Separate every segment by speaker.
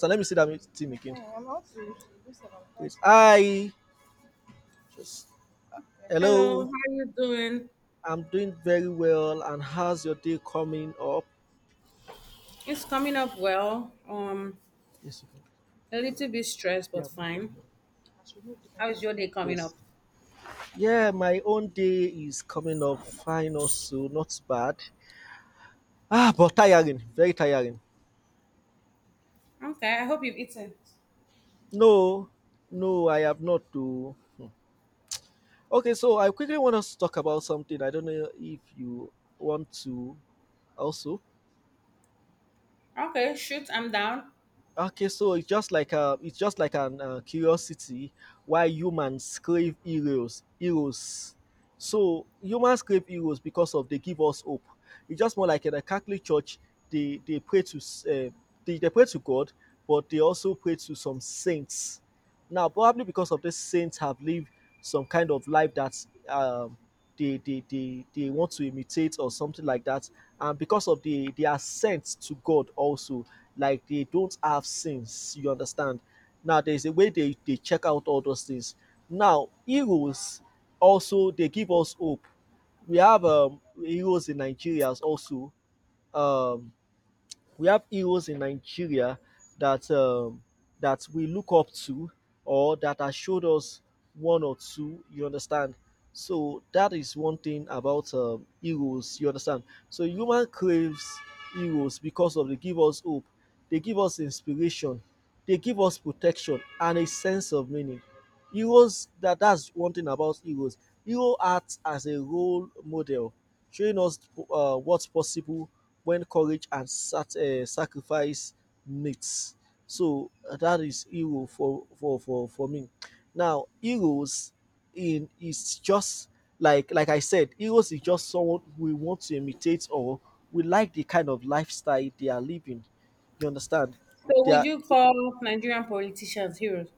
Speaker 1: So let me see that team again. That. It's advice. I. Just
Speaker 2: Hello,
Speaker 1: Hello.
Speaker 2: how are you doing?
Speaker 1: I'm doing very well. And how's your day coming up?
Speaker 2: It's coming up well.
Speaker 1: Yes, you can.
Speaker 2: A little bit stressed, but
Speaker 1: Yeah, yeah.
Speaker 2: fine. How is your day coming
Speaker 1: Yes.
Speaker 2: up?
Speaker 1: Yeah, my own day is coming up fine also, not bad. Ah, but tiring, very tiring.
Speaker 2: Okay, I hope you've eaten.
Speaker 1: No, no, I have not to. Hmm. Okay, so I quickly want us to talk about something. I don't know if you want to also.
Speaker 2: Okay, shoot, I'm down.
Speaker 1: Okay, so it's just like it's just like an curiosity why humans crave heroes. So humans crave heroes because of they give us hope. It's just more like in the Catholic Church, they pray to they pray to God, but they also pray to some saints now, probably because of these saints have lived some kind of life that they want to imitate or something like that. And because of the ascent to God also, like they don't have sins, you understand? Now, there's a way they check out all those things. Now, heroes also, they give us hope. We have heroes in Nigeria also. Um, we have heroes in Nigeria that that we look up to or that has showed us one or two. You understand? So that is one thing about heroes. You understand? So human craves heroes because of they give us hope, they give us inspiration, they give us protection and a sense of meaning. Heroes that's one thing about heroes. Hero acts as a role model, showing us what's possible when courage and sacrifice meets. So that is hero for me. Now heroes in is just like I said, heroes is just someone we want to imitate or we like the kind of lifestyle they are living. You understand?
Speaker 2: So,
Speaker 1: They
Speaker 2: would
Speaker 1: are
Speaker 2: you call Nigerian politicians heroes?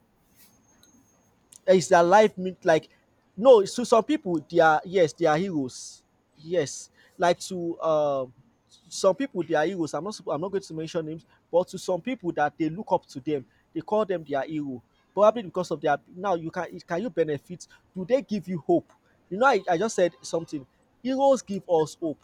Speaker 1: is their life mean like no, to some people they are, yes they are heroes, yes, like to some people they are heroes. I'm not supp- I'm not going to mention names, but to some people that they look up to them, they call them their hero, probably because of their now you can you benefit, do they give you hope? I just said something. Heroes give us hope.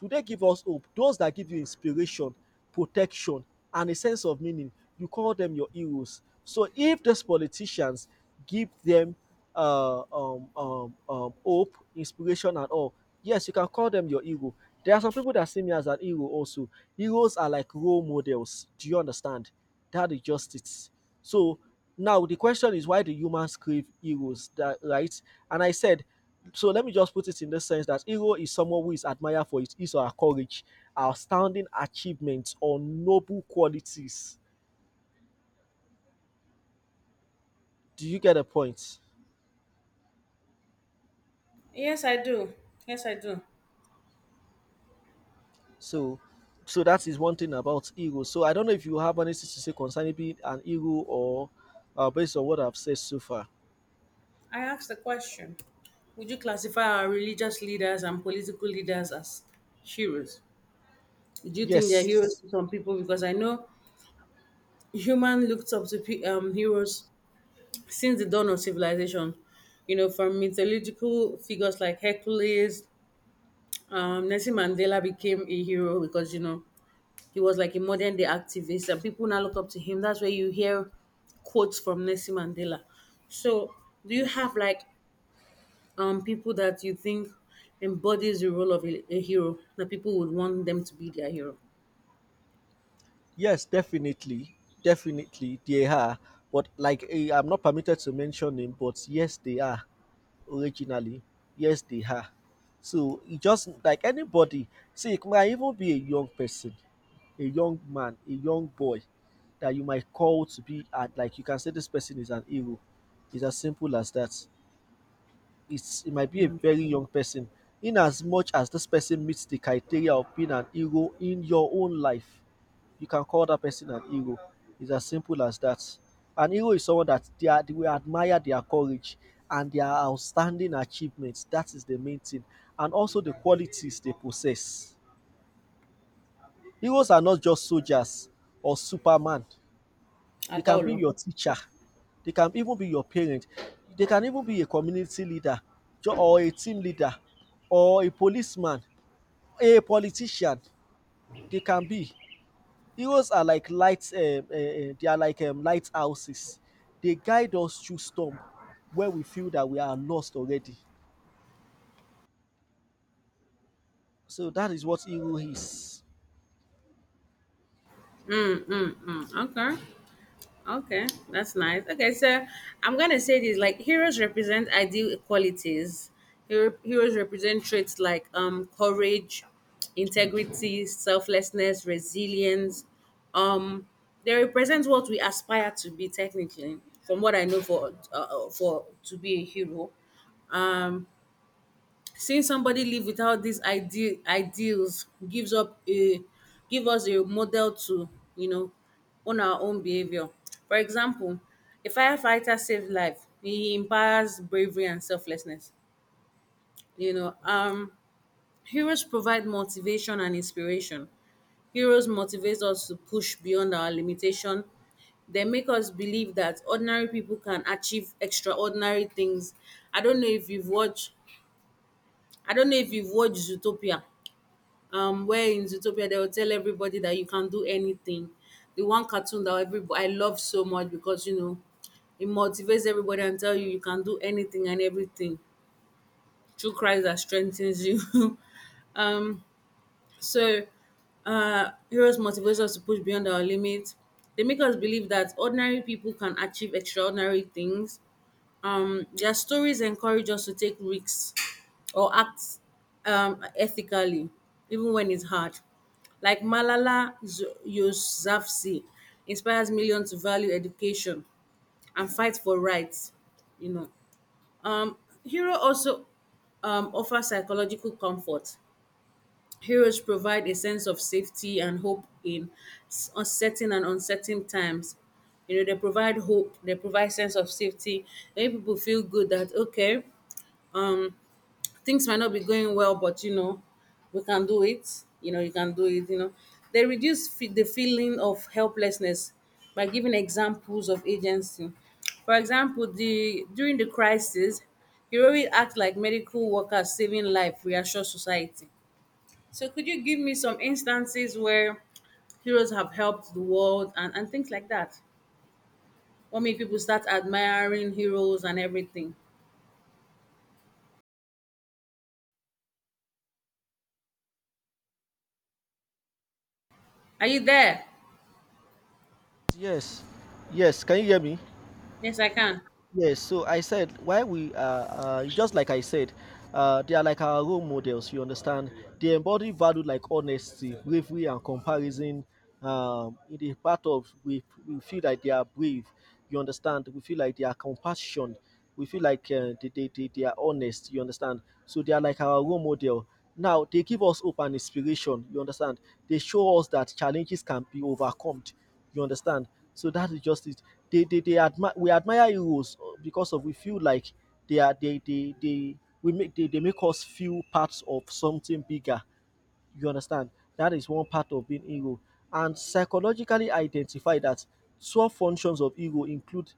Speaker 1: Today give us hope. Those that give you inspiration, protection, and a sense of meaning, you call them your heroes. So if these politicians give them hope, inspiration, and all, yes, you can call them your hero. There are some people that see me as an hero also. Heroes are like role models. Do you understand? That is just it. So now the question is why do humans crave heroes, that right? And I said, so let me just put it in the sense that hero is someone who is admired for his or her courage, outstanding achievements, or noble qualities. Do you get the point?
Speaker 2: Yes, I do. Yes, I do.
Speaker 1: So so that is one thing about hero. So I don't know if you have anything to say concerning being an hero or based on what I've said so far.
Speaker 2: I asked the question. Would you classify our religious leaders and political leaders as heroes? Do you think they're heroes
Speaker 1: Yes.
Speaker 2: to some people? Because I know human looked up to heroes since the dawn of civilization, you know, from mythological figures like Hercules, Nelson Mandela became a hero because, you know, he was like a modern day activist and people now look up to him. That's where you hear quotes from Nelson Mandela. So, do you have like people that you think embodies the role of a hero that people would want them to be their hero?
Speaker 1: Yes, definitely, definitely they are, but like eh, I'm not permitted to mention him, but yes, they are originally. Yes, they are. So it just like anybody, see, it might even be a young person, a young man, a young boy that you might call to be at like you can say this person is an hero. It's as simple as that. It might be a very young person, in as much as this person meets the criteria of being an hero in your own life you can call that person an hero. It's as simple as that. An hero is someone that we admire their courage and their outstanding achievements. That is the main thing. And also the qualities they possess. Heroes are not just soldiers or Superman, they
Speaker 2: At
Speaker 1: can
Speaker 2: all.
Speaker 1: be
Speaker 2: Oh?
Speaker 1: your teacher, they can even be your parent, they can even be a community leader or a team leader or a policeman, a politician. They can be. Heroes are like they are like lighthouses. They guide us through storm where we feel that we are lost already. So that is what hero is.
Speaker 2: Mm, mm, mm. Okay. Okay, that's nice. Okay, so I'm gonna say this like heroes represent ideal qualities. Heroes represent traits like courage, integrity, selflessness, resilience. Um, they represent what we aspire to be technically. From what I know, for to be a hero, um, seeing somebody live without these ideal ideals give us a model to, you know, own our own behavior. For example, a firefighter saved life. He empowers bravery and selflessness. You know, heroes provide motivation and inspiration. Heroes motivate us to push beyond our limitation. They make us believe that ordinary people can achieve extraordinary things. I don't know if you've watched I don't know if you've watched Zootopia where in Zootopia they will tell everybody that you can do anything. The one cartoon that everybody I love so much because you know it motivates everybody and tell you you can do anything and everything through Christ that strengthens you. um, so heroes motivates us to push beyond our limits. They make us believe that ordinary people can achieve extraordinary things. Their stories encourage us to take risks or act ethically, even when it's hard. Like Yousafzai inspires millions to value education and fight for rights. You know, um, hero also offers psychological comfort. Heroes provide a sense of safety and hope in uncertain and uncertain times. You know, they provide hope, they provide sense of safety. Many people feel good that okay, things might not be going well, but you know, we can do it. You know, you can do it. You know, they reduce the feeling of helplessness by giving examples of agency. For example, the during the crisis, heroic act like medical workers saving life reassure society. So, could you give me some instances where heroes have helped the world and things like that? What made people start admiring heroes and everything? Are you there?
Speaker 1: Yes, yes. Can you hear me?
Speaker 2: Yes, I can.
Speaker 1: Yes, so I said why we just like I said, they are like our role models, you understand. They embody value like honesty, bravery and comparison. In the part of we feel like they are brave, you understand, we feel like they are compassion, we feel like they are honest, you understand. So they are like our role model. Now they give us hope and inspiration, you understand. They show us that challenges can be overcome, you understand? So that is just it. They admire we admire heroes because of we feel like they they make us feel parts of something bigger, you understand? That is one part of being ego. And psychologically identify that 12 functions of ego include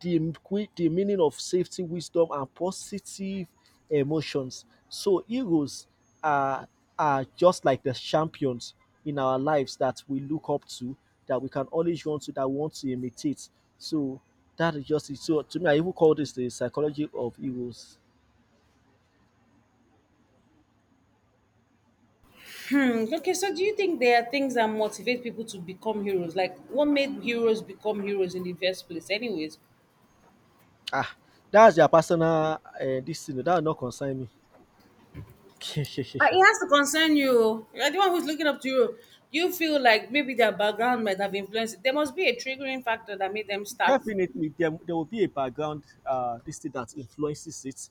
Speaker 1: the meaning of safety, wisdom, and positive emotions. So, egos are, are just like the champions in our lives that we look up to, that we can always run to, that we want to imitate. So, that is just it. So, to me, I even call this the psychology of egos.
Speaker 2: Mm, okay, so do you think there are things that motivate people to become heroes? Like, what made heroes become heroes in the first place, anyways?
Speaker 1: Ah, that's their personal this thing. That will not concern me.
Speaker 2: But it has to concern you. You're the one who's looking up to you. You feel like maybe their background might have influenced it. There must be a triggering factor that made them start.
Speaker 1: Definitely, there will be a background this thing that influences it.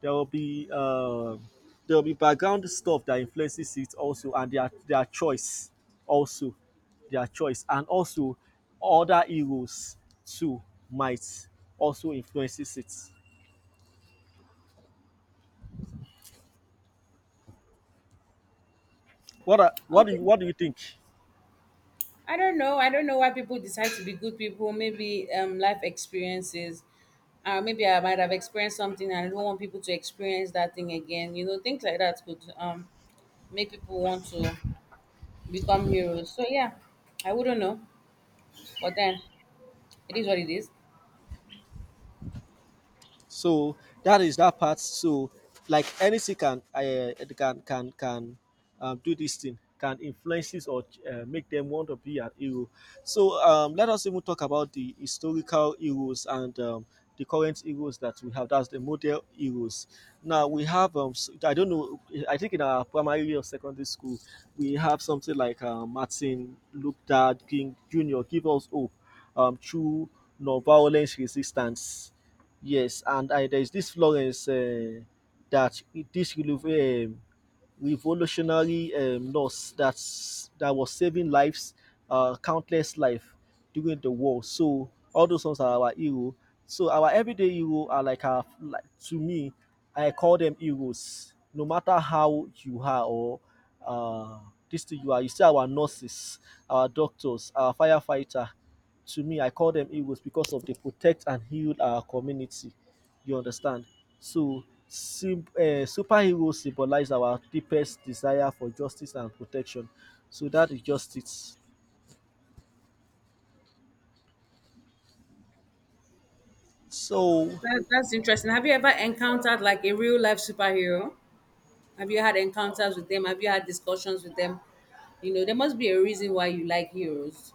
Speaker 1: There will be uh, there will be background stuff that influences it also, and their choice also, their choice, and also other heroes too might also influences it.
Speaker 2: Okay,
Speaker 1: What do you think?
Speaker 2: I don't know. I don't know why people decide to be good people. Maybe life experiences. Maybe I might have experienced something and I don't want people to experience that thing again. You know, things like that could make people want to become heroes. So yeah, I wouldn't know, but then it is what it is.
Speaker 1: So that is that part. So like anything can can do this thing, can influence this or make them want to be an hero. So let us even talk about the historical heroes and the current heroes that we have. That's the model heroes. Now we have I don't know. I think in our primary or secondary school we have something like Martin Luther King Jr. Give us hope through nonviolent resistance. Yes, and there is this Florence that this Ilu- um, revolutionary nurse that was saving lives, countless life during the war. So all those ones are our hero. So our everyday hero are like our like, to me, I call them heroes. No matter how you are or uh, this thing you are, you see our nurses, our doctors, our firefighter. To me, I call them heroes because of they protect and heal our community. You understand? So, sim superheroes symbolize our deepest desire for justice and protection. So that is justice. So
Speaker 2: That, that's interesting. Have you ever encountered like a real life superhero? Have you had encounters with them? Have you had discussions with them? You know, there must be a reason why you like heroes.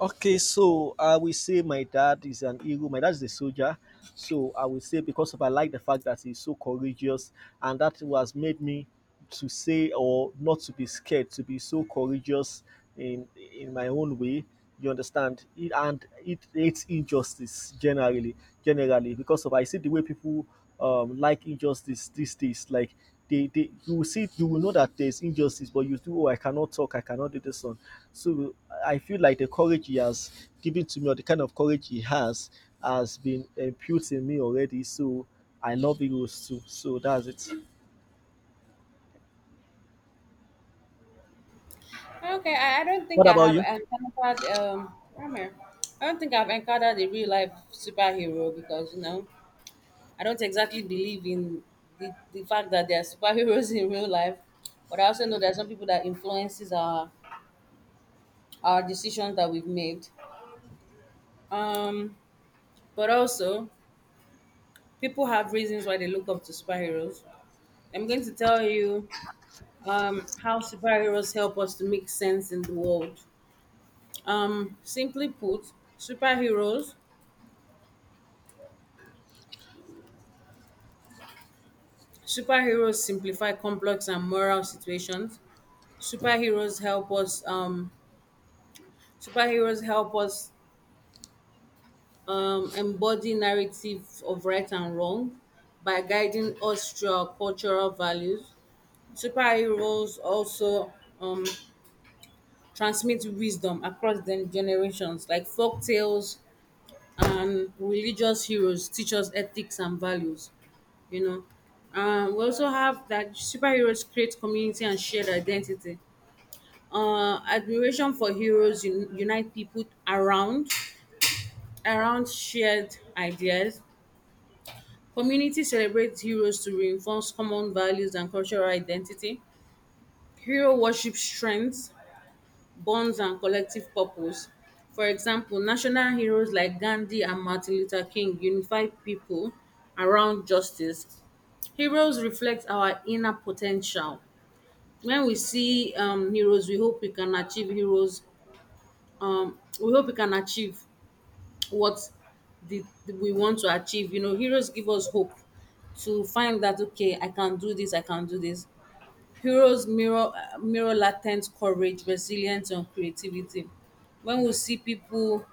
Speaker 1: okay, so I will say my dad is an hero. My dad is a soldier. So I will say because of I like the fact that he's so courageous and that was made me to say or not to be scared, to be so courageous in in my own way. You understand? It, and it hates injustice generally, generally because of I see the way people like injustice these days. Like they you will see you will know that there's injustice, but you do oh I cannot talk, I cannot do this one. So I feel like the courage he has given to me, or the kind of courage he has been imputed in me already. So I love heroes too. So that's it.
Speaker 2: Okay, I don't think
Speaker 1: What
Speaker 2: I
Speaker 1: about
Speaker 2: have
Speaker 1: you?
Speaker 2: encountered come I don't think I've encountered a real life superhero because you know I don't exactly believe in the fact that there are superheroes in real life. But I also know there are some people that influences our decisions that we've made. Um, but also, people have reasons why they look up to superheroes. I'm going to tell you how superheroes help us to make sense in the world. Simply put, superheroes superheroes simplify complex and moral situations. Superheroes help us. Superheroes help us embody narrative of right and wrong by guiding us through our cultural values. Superheroes also um, transmit wisdom across the generations, like folk tales and religious heroes teach us ethics and values. You know, we also have that superheroes create community and shared identity. Admiration for heroes unite people around shared ideas. Community celebrates heroes to reinforce common values and cultural identity. Hero worship strength bonds and collective purpose. For example, national heroes like Gandhi and Martin Luther King unified people around justice. Heroes reflect our inner potential. When we see heroes, we hope we can achieve heroes. We hope we can achieve what we want to achieve. You know, heroes give us hope to find that okay, I can do this, I can do this. Heroes mirror latent courage, resilience and creativity. When we see people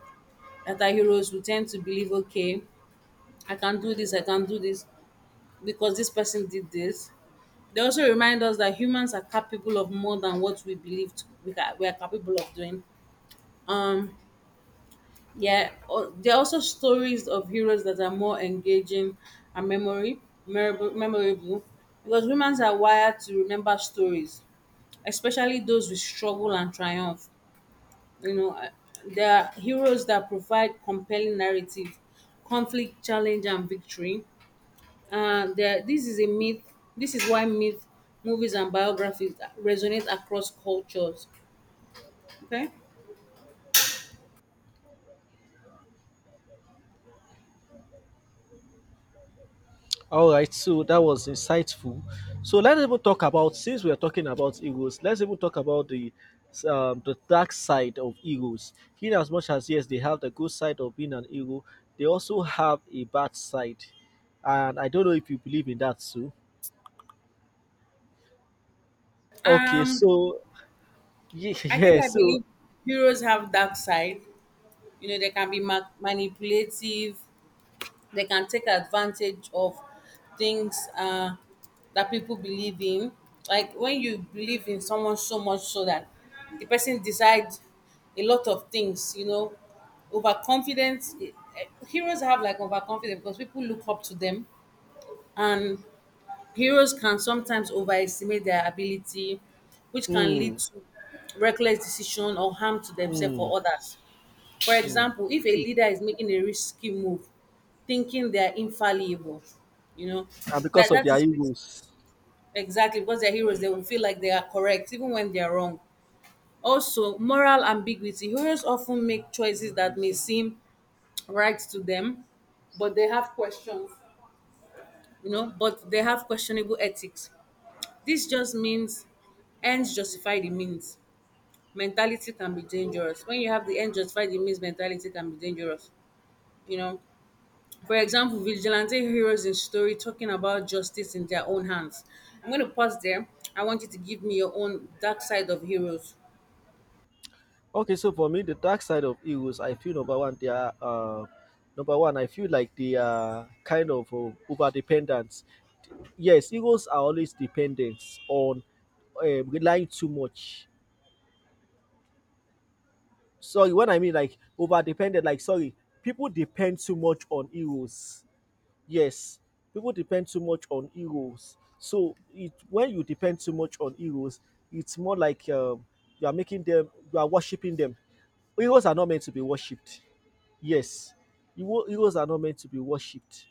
Speaker 2: that are heroes, we tend to believe, okay, I can do this, I can do this because this person did this. They also remind us that humans are capable of more than what we are capable of doing. Um, yeah, there are also stories of heroes that are more engaging and memorable because humans are wired to remember stories especially those with struggle and triumph. You know, there are heroes that provide compelling narrative, conflict, challenge, and victory. This is a myth. This is why myth movies and biographies resonate across cultures. Okay,
Speaker 1: All right, so that was insightful. So let's even talk about, since we are talking about heroes, let's even talk about the dark side of heroes. In as much as yes, they have the good side of being an hero, they also have a bad side, and I don't know if you believe in that too. Okay,
Speaker 2: um,
Speaker 1: so yeah,
Speaker 2: I think
Speaker 1: yeah
Speaker 2: I
Speaker 1: so
Speaker 2: believe heroes have dark side. You know, they can be manipulative, they can take advantage of things that people believe in. Like when you believe in someone so much so that the person decides a lot of things, you know, overconfidence. Heroes have like overconfidence because people look up to them, and heroes can sometimes overestimate their ability, which can lead
Speaker 1: mm,
Speaker 2: to reckless decision or harm to themselves
Speaker 1: mm,
Speaker 2: or others. For
Speaker 1: mm.
Speaker 2: example, if a
Speaker 1: True.
Speaker 2: leader is making a risky move, thinking they're infallible, you know,
Speaker 1: And because
Speaker 2: that
Speaker 1: of
Speaker 2: that
Speaker 1: their
Speaker 2: is
Speaker 1: egos.
Speaker 2: exactly because they're heroes, they will feel like they are correct, even when they are wrong. Also, moral ambiguity. Heroes often make choices that may seem right to them, but they have questions, you know, but they have questionable ethics. This just means ends justify the means. Mentality can be dangerous. When you have the end justify the means mentality can be dangerous, you know. For example, vigilante heroes in story talking about justice in their own hands. I'm going to pause there. I want you to give me your own dark side of heroes.
Speaker 1: Okay, so for me, the dark side of egos, I feel number one, they are number one. I feel like they are kind of over dependent. Yes, egos are always dependent on relying too much. Sorry, what I mean like over dependent. Like sorry, people depend too much on egos. Yes, people depend too much on heroes. So it when you depend too much on heroes, it's more like you are making them, you are worshiping them. Heroes are not meant to be worshipped. Yes, heroes are not meant to be worshipped.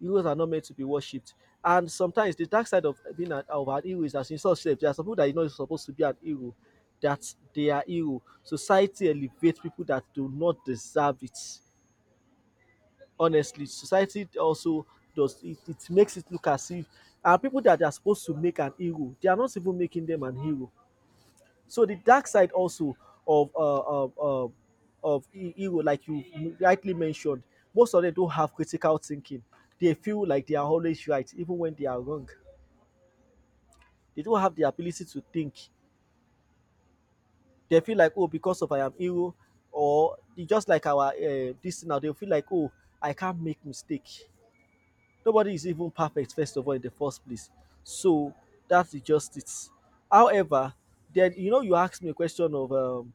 Speaker 1: Heroes are not meant to be worshipped. And sometimes the dark side of being an, of an hero is that in such sense, there are some people that you know is supposed to be an hero, that they are hero. Society elevates people that do not deserve it, honestly. Society also does it. It makes it look as if, and people that are supposed to make an hero they are not even making them an hero. So the dark side also of of hero, like you rightly mentioned, most of them don't have critical thinking. They feel like they are always right even when they are wrong. They don't have the ability to think. They feel like, oh, because of I am hero. Or they just like our this now, they feel like, oh, I can't make mistake. Nobody is even perfect, first of all, in the first place. So that's just it. However, then you know you asked me a question of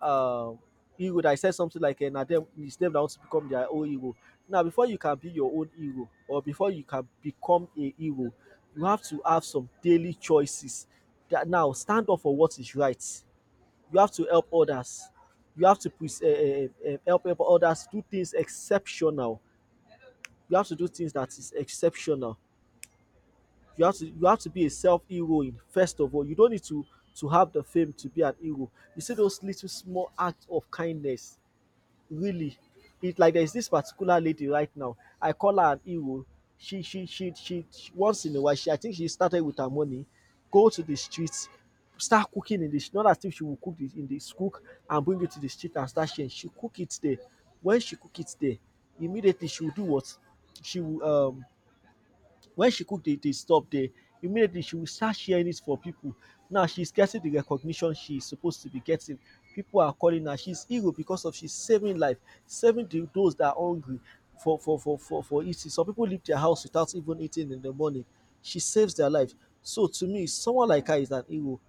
Speaker 1: um hero, that I said something like na them, it's them that want to become their own ego. Now before you can be your own ego, or before you can become a ego, you have to have some daily choices. That now, stand up for what is right. You have to help others. You have to help others do things exceptional. You have to do things that is exceptional. You have to be a self hero in first of all. You don't need to have the fame to be an hero. You see those little small acts of kindness, really. It like there's this particular lady right now. I call her an hero. She once in a while, she, I think, she started with her money, go to the streets, start cooking in the not as if she will cook it in the cook and bring it to the street and start sharing. She cook it there. When she cook it there, immediately she will do what? She will when she cook the stuff there, immediately she will start sharing it for people. Now she's getting the recognition she's supposed to be getting. People are calling her. She's hero because of she's saving life, saving the those that are hungry for eating. Some people leave their house without even eating in the morning. She saves their life. So to me, someone like her is an hero.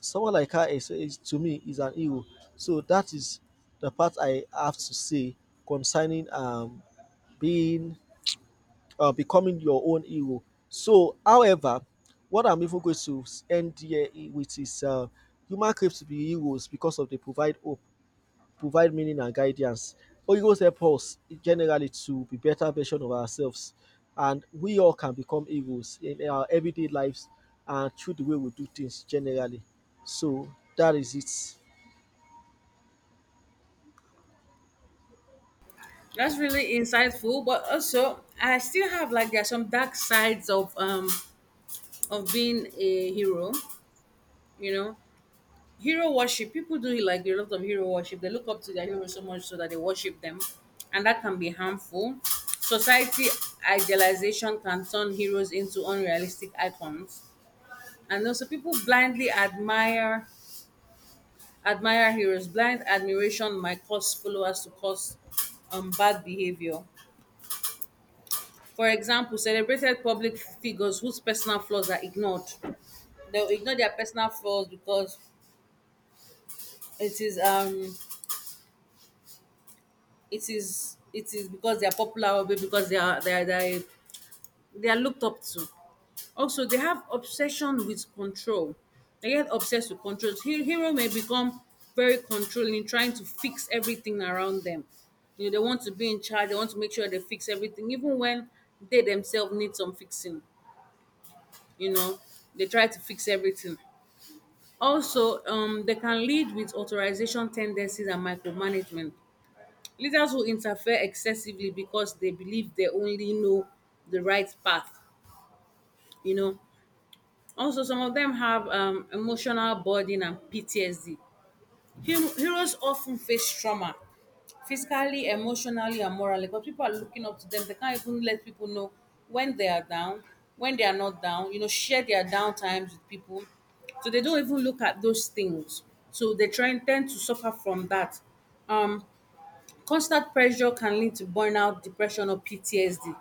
Speaker 1: Someone like her is to me, is an hero. So that is the part I have to say concerning being becoming your own hero. So, however, what I'm even going to end here with is human crave to be heroes because of they provide hope, provide meaning and guidance. Heroes help us generally to be better version of ourselves, and we all can become heroes in our everyday lives and through the way we do things generally. So that is it.
Speaker 2: That's really insightful, but also I still have like there are some dark sides of being a hero. You know, hero worship. People do like a lot of hero worship. They look up to their heroes so much so that they worship them, and that can be harmful. Society idealization can turn heroes into unrealistic icons. And also people blindly admire admire heroes. Blind admiration might cause followers to cause bad behavior. For example, celebrated public figures whose personal flaws are ignored. They'll ignore their personal flaws because it is it is because they are popular or because they are looked up to. Also, they have obsession with control. They get obsessed with control. Hero may become very controlling, trying to fix everything around them. You know, they want to be in charge. They want to make sure they fix everything, even when they themselves need some fixing. You know, they try to fix everything. Also, they can lead with authorization tendencies and micromanagement. Leaders who interfere excessively because they believe they only know the right path. You know, also, some of them have emotional burden and PTSD. Heroes often face trauma, physically, emotionally, and morally, but people are looking up to them. They can't even let people know when they are down, when they are not down, you know, share their down times with people. So they don't even look at those things. So they try and tend to suffer from that. Um, constant pressure can lead to burnout, depression, or PTSD.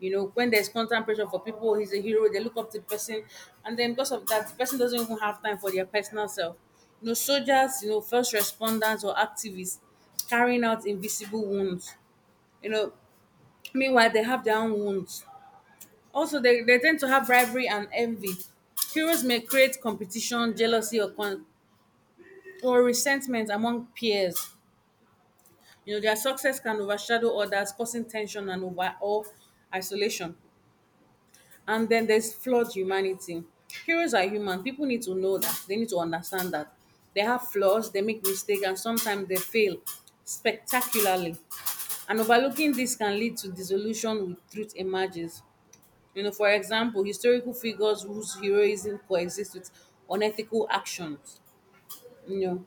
Speaker 2: You know, when there's constant pressure for people, he's a hero, they look up to the person, and then because of that, the person doesn't even have time for their personal self. You know, soldiers, you know, first responders or activists carrying out invisible wounds. You know, Meanwhile, they have their own wounds. Also, they tend to have rivalry and envy. Heroes may create competition, jealousy, or resentment among peers. Their success can overshadow others, causing tension and over or isolation. And then there's flawed humanity. Heroes are human. People need to know that. They need to understand that. They have flaws, they make mistakes, and sometimes they fail spectacularly. And overlooking this can lead to dissolution with truth emerges. For example, historical figures whose heroism coexists with unethical actions. You know,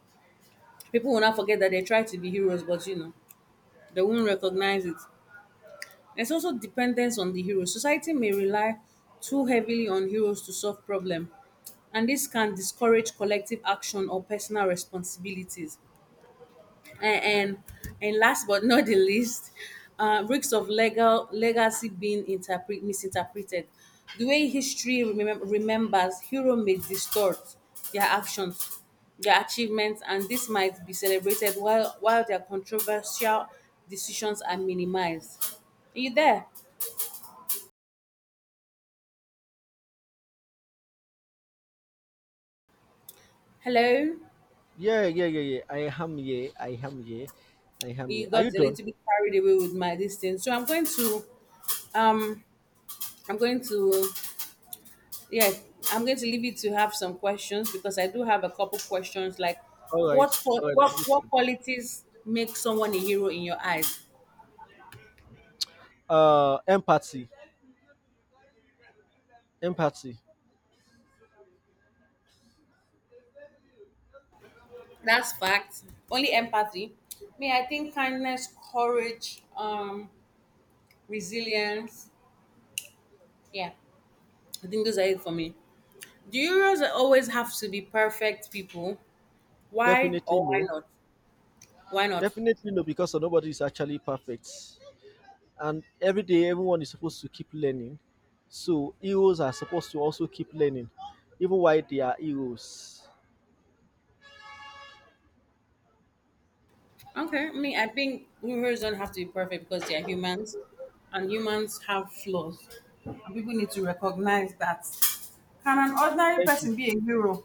Speaker 2: People will not forget that they try to be heroes, but they won't recognize it. There's also dependence on the hero. Society may rely too heavily on heroes to solve problems, and this can discourage collective action or personal responsibilities. And and, and last but not the least, risks of legal legacy being misinterpreted. The way history remembers, hero may distort their actions, their achievements, and this might be celebrated while their controversial decisions are minimized. Are you there? Hello.
Speaker 1: Yeah, yeah, yeah, yeah, I am here. I am here. I am here.
Speaker 2: You
Speaker 1: Are
Speaker 2: got
Speaker 1: you
Speaker 2: a
Speaker 1: done?
Speaker 2: little bit carried away with my distance. So um I'm going to yeah, I'm going to leave you to have some questions because I do have a couple questions like
Speaker 1: All right.
Speaker 2: what qua-
Speaker 1: All right.
Speaker 2: what
Speaker 1: I'm
Speaker 2: what
Speaker 1: listening.
Speaker 2: qualities make someone a hero in your eyes?
Speaker 1: Empathy. Empathy.
Speaker 2: That's fact. Only empathy. Me, I think kindness, courage, resilience. Yeah. I think those are it for me. Do heroes always have to be perfect people? Why
Speaker 1: Definitely
Speaker 2: or why
Speaker 1: no.
Speaker 2: not? Why not?
Speaker 1: Definitely no, because nobody is actually perfect. And every day, everyone is supposed to keep learning. So, heroes are supposed to also keep learning, even while they are heroes.
Speaker 2: Okay, I mean, I think rulers don't have to be perfect because they are humans, and humans have flaws, and people need to recognize that. Can an ordinary
Speaker 1: Thank you.
Speaker 2: person be a hero?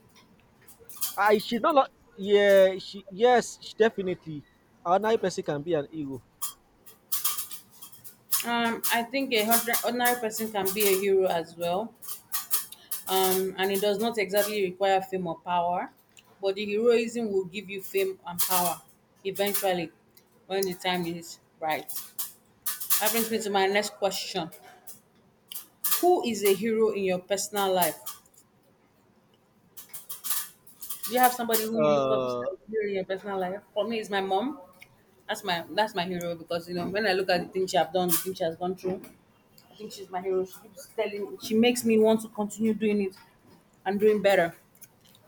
Speaker 1: I should not. Yeah, she, yes, she definitely. Another person can be an hero.
Speaker 2: I think a ordinary person can be a hero as well, and it does not exactly require fame or power, but the heroism will give you fame and power eventually when the time is right. That brings me to my next question: Who is a hero in your personal life? Do you have somebody who you look up to,
Speaker 1: Uh,
Speaker 2: like during your personal life? For me, it's my mom. That's my hero, because when I look at the things she have done, the things she has gone through, I think she's my hero. She makes me want to continue doing it and doing better.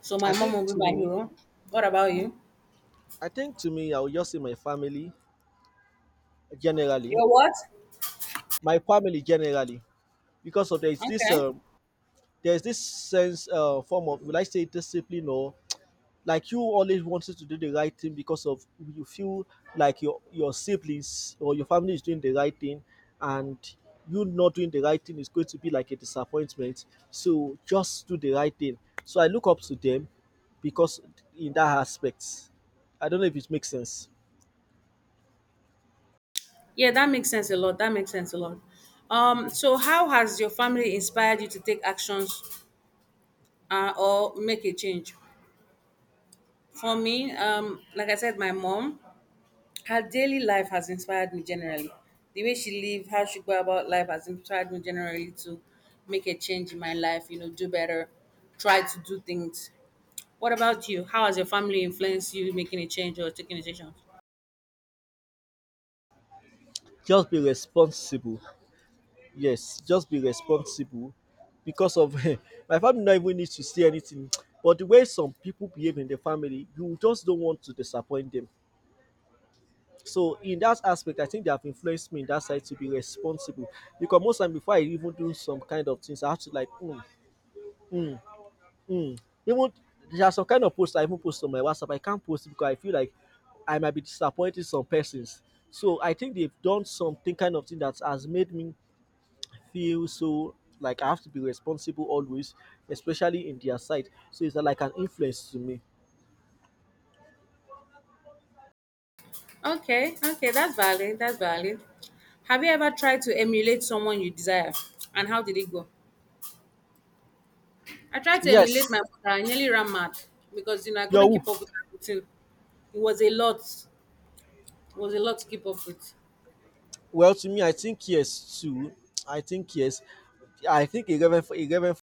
Speaker 2: So my
Speaker 1: I
Speaker 2: mom
Speaker 1: think
Speaker 2: will be
Speaker 1: to
Speaker 2: my
Speaker 1: me,
Speaker 2: hero. What about you?
Speaker 1: I think to me, I will just say my family generally,
Speaker 2: Your what?
Speaker 1: my family generally, because of there is this
Speaker 2: Okay.
Speaker 1: there's this sense form of, will I say, discipline? Or like you always wanted to do the right thing because of you feel like your siblings or your family is doing the right thing, and you not doing the right thing is going to be like a disappointment. So just do the right thing. So I look up to them because in that aspect. I don't know if it makes sense.
Speaker 2: Yeah, that makes sense a lot. That makes sense a lot. So how has your family inspired you to take actions, or make a change? For me, like I said, my mom. Her daily life has inspired me generally. The way she lived, how she go about life has inspired me generally to make a change in my life, do better, try to do things. What about you? How has your family influenced you making a change or taking a decision?
Speaker 1: Just be responsible. Yes, just be responsible, because of my family not even need to say anything, but the way some people behave in the family, you just don't want to disappoint them. So in that aspect I think they have influenced me in that side to be responsible, because most time before I even do some kind of things I have to like um um even there are some kind of posts I even post on my WhatsApp, I can't post it because I feel like I might be disappointing some persons. So I think they've done something kind of thing that has made me feel so like I have to be responsible always, especially in their side. So it's like an influence to me.
Speaker 2: Okay, okay, that's valid. That's valid. Have you ever tried to emulate someone you desire? And how did it go? I tried to
Speaker 1: Yes.
Speaker 2: emulate my mother. I nearly ran mad because I couldn't
Speaker 1: Yo.
Speaker 2: keep up with her routine. It was a lot. It was a lot to keep up with.
Speaker 1: Well, to me, I think yes too. I think yes. I think a reverend, a reverend,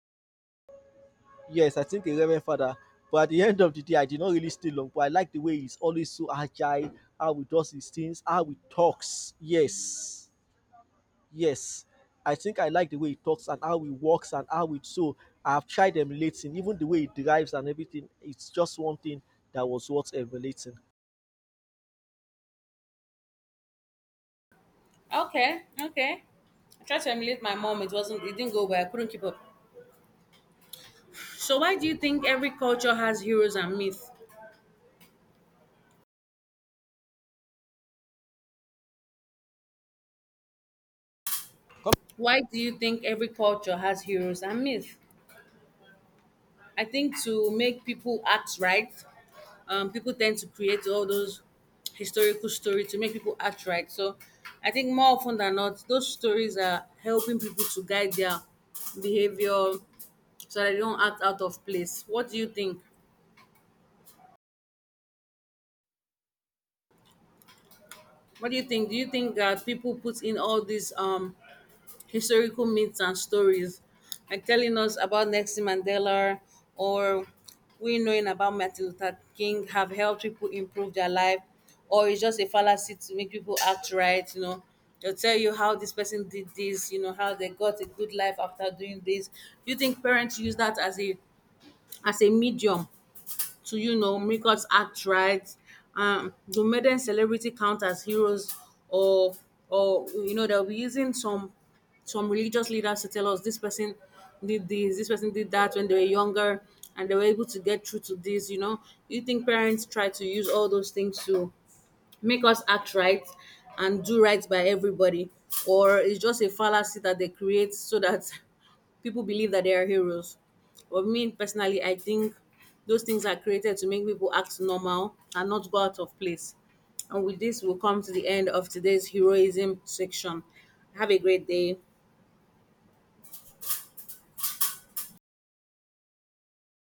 Speaker 1: yes, I think a reverend father. But at the end of the day, I did not really stay long. But I like the way he's always so agile, how he does his things, how he talks. Yes. Yes, I think I like the way he talks and how he walks and how it so. I've tried emulating, even the way he drives and everything. It's just one thing that was worth emulating.
Speaker 2: Okay, okay. I tried to emulate my mom. It wasn't. It didn't go well. I couldn't keep up. So why do you think every culture has heroes and myths? Why do you think every culture has heroes and myths? I think to make people act right, people tend to create all those historical stories to make people act right. So I think more often than not, those stories are helping people to guide their behavior so that they don't act out of place. What do you think? What do you think? Do you think that people put in all these historical myths and stories, like telling us about Nelson Mandela, or we knowing about Martin Luther King, have helped people improve their life, or it's just a fallacy to make people act right? They'll tell you how this person did this, how they got a good life after doing this. Do you think parents use that as a medium to make us act right. The maiden celebrity count as heroes, or they'll be using some religious leaders to tell us this person did this, this person did that when they were younger, and they were able to get through to this. You think parents try to use all those things to make us act right and do right by everybody, or it's just a fallacy that they create so that people believe that they are heroes, but me personally, I think those things are created to make people act normal and not go out of place. And with this, we'll come to the end of today's heroism section. Have a great day.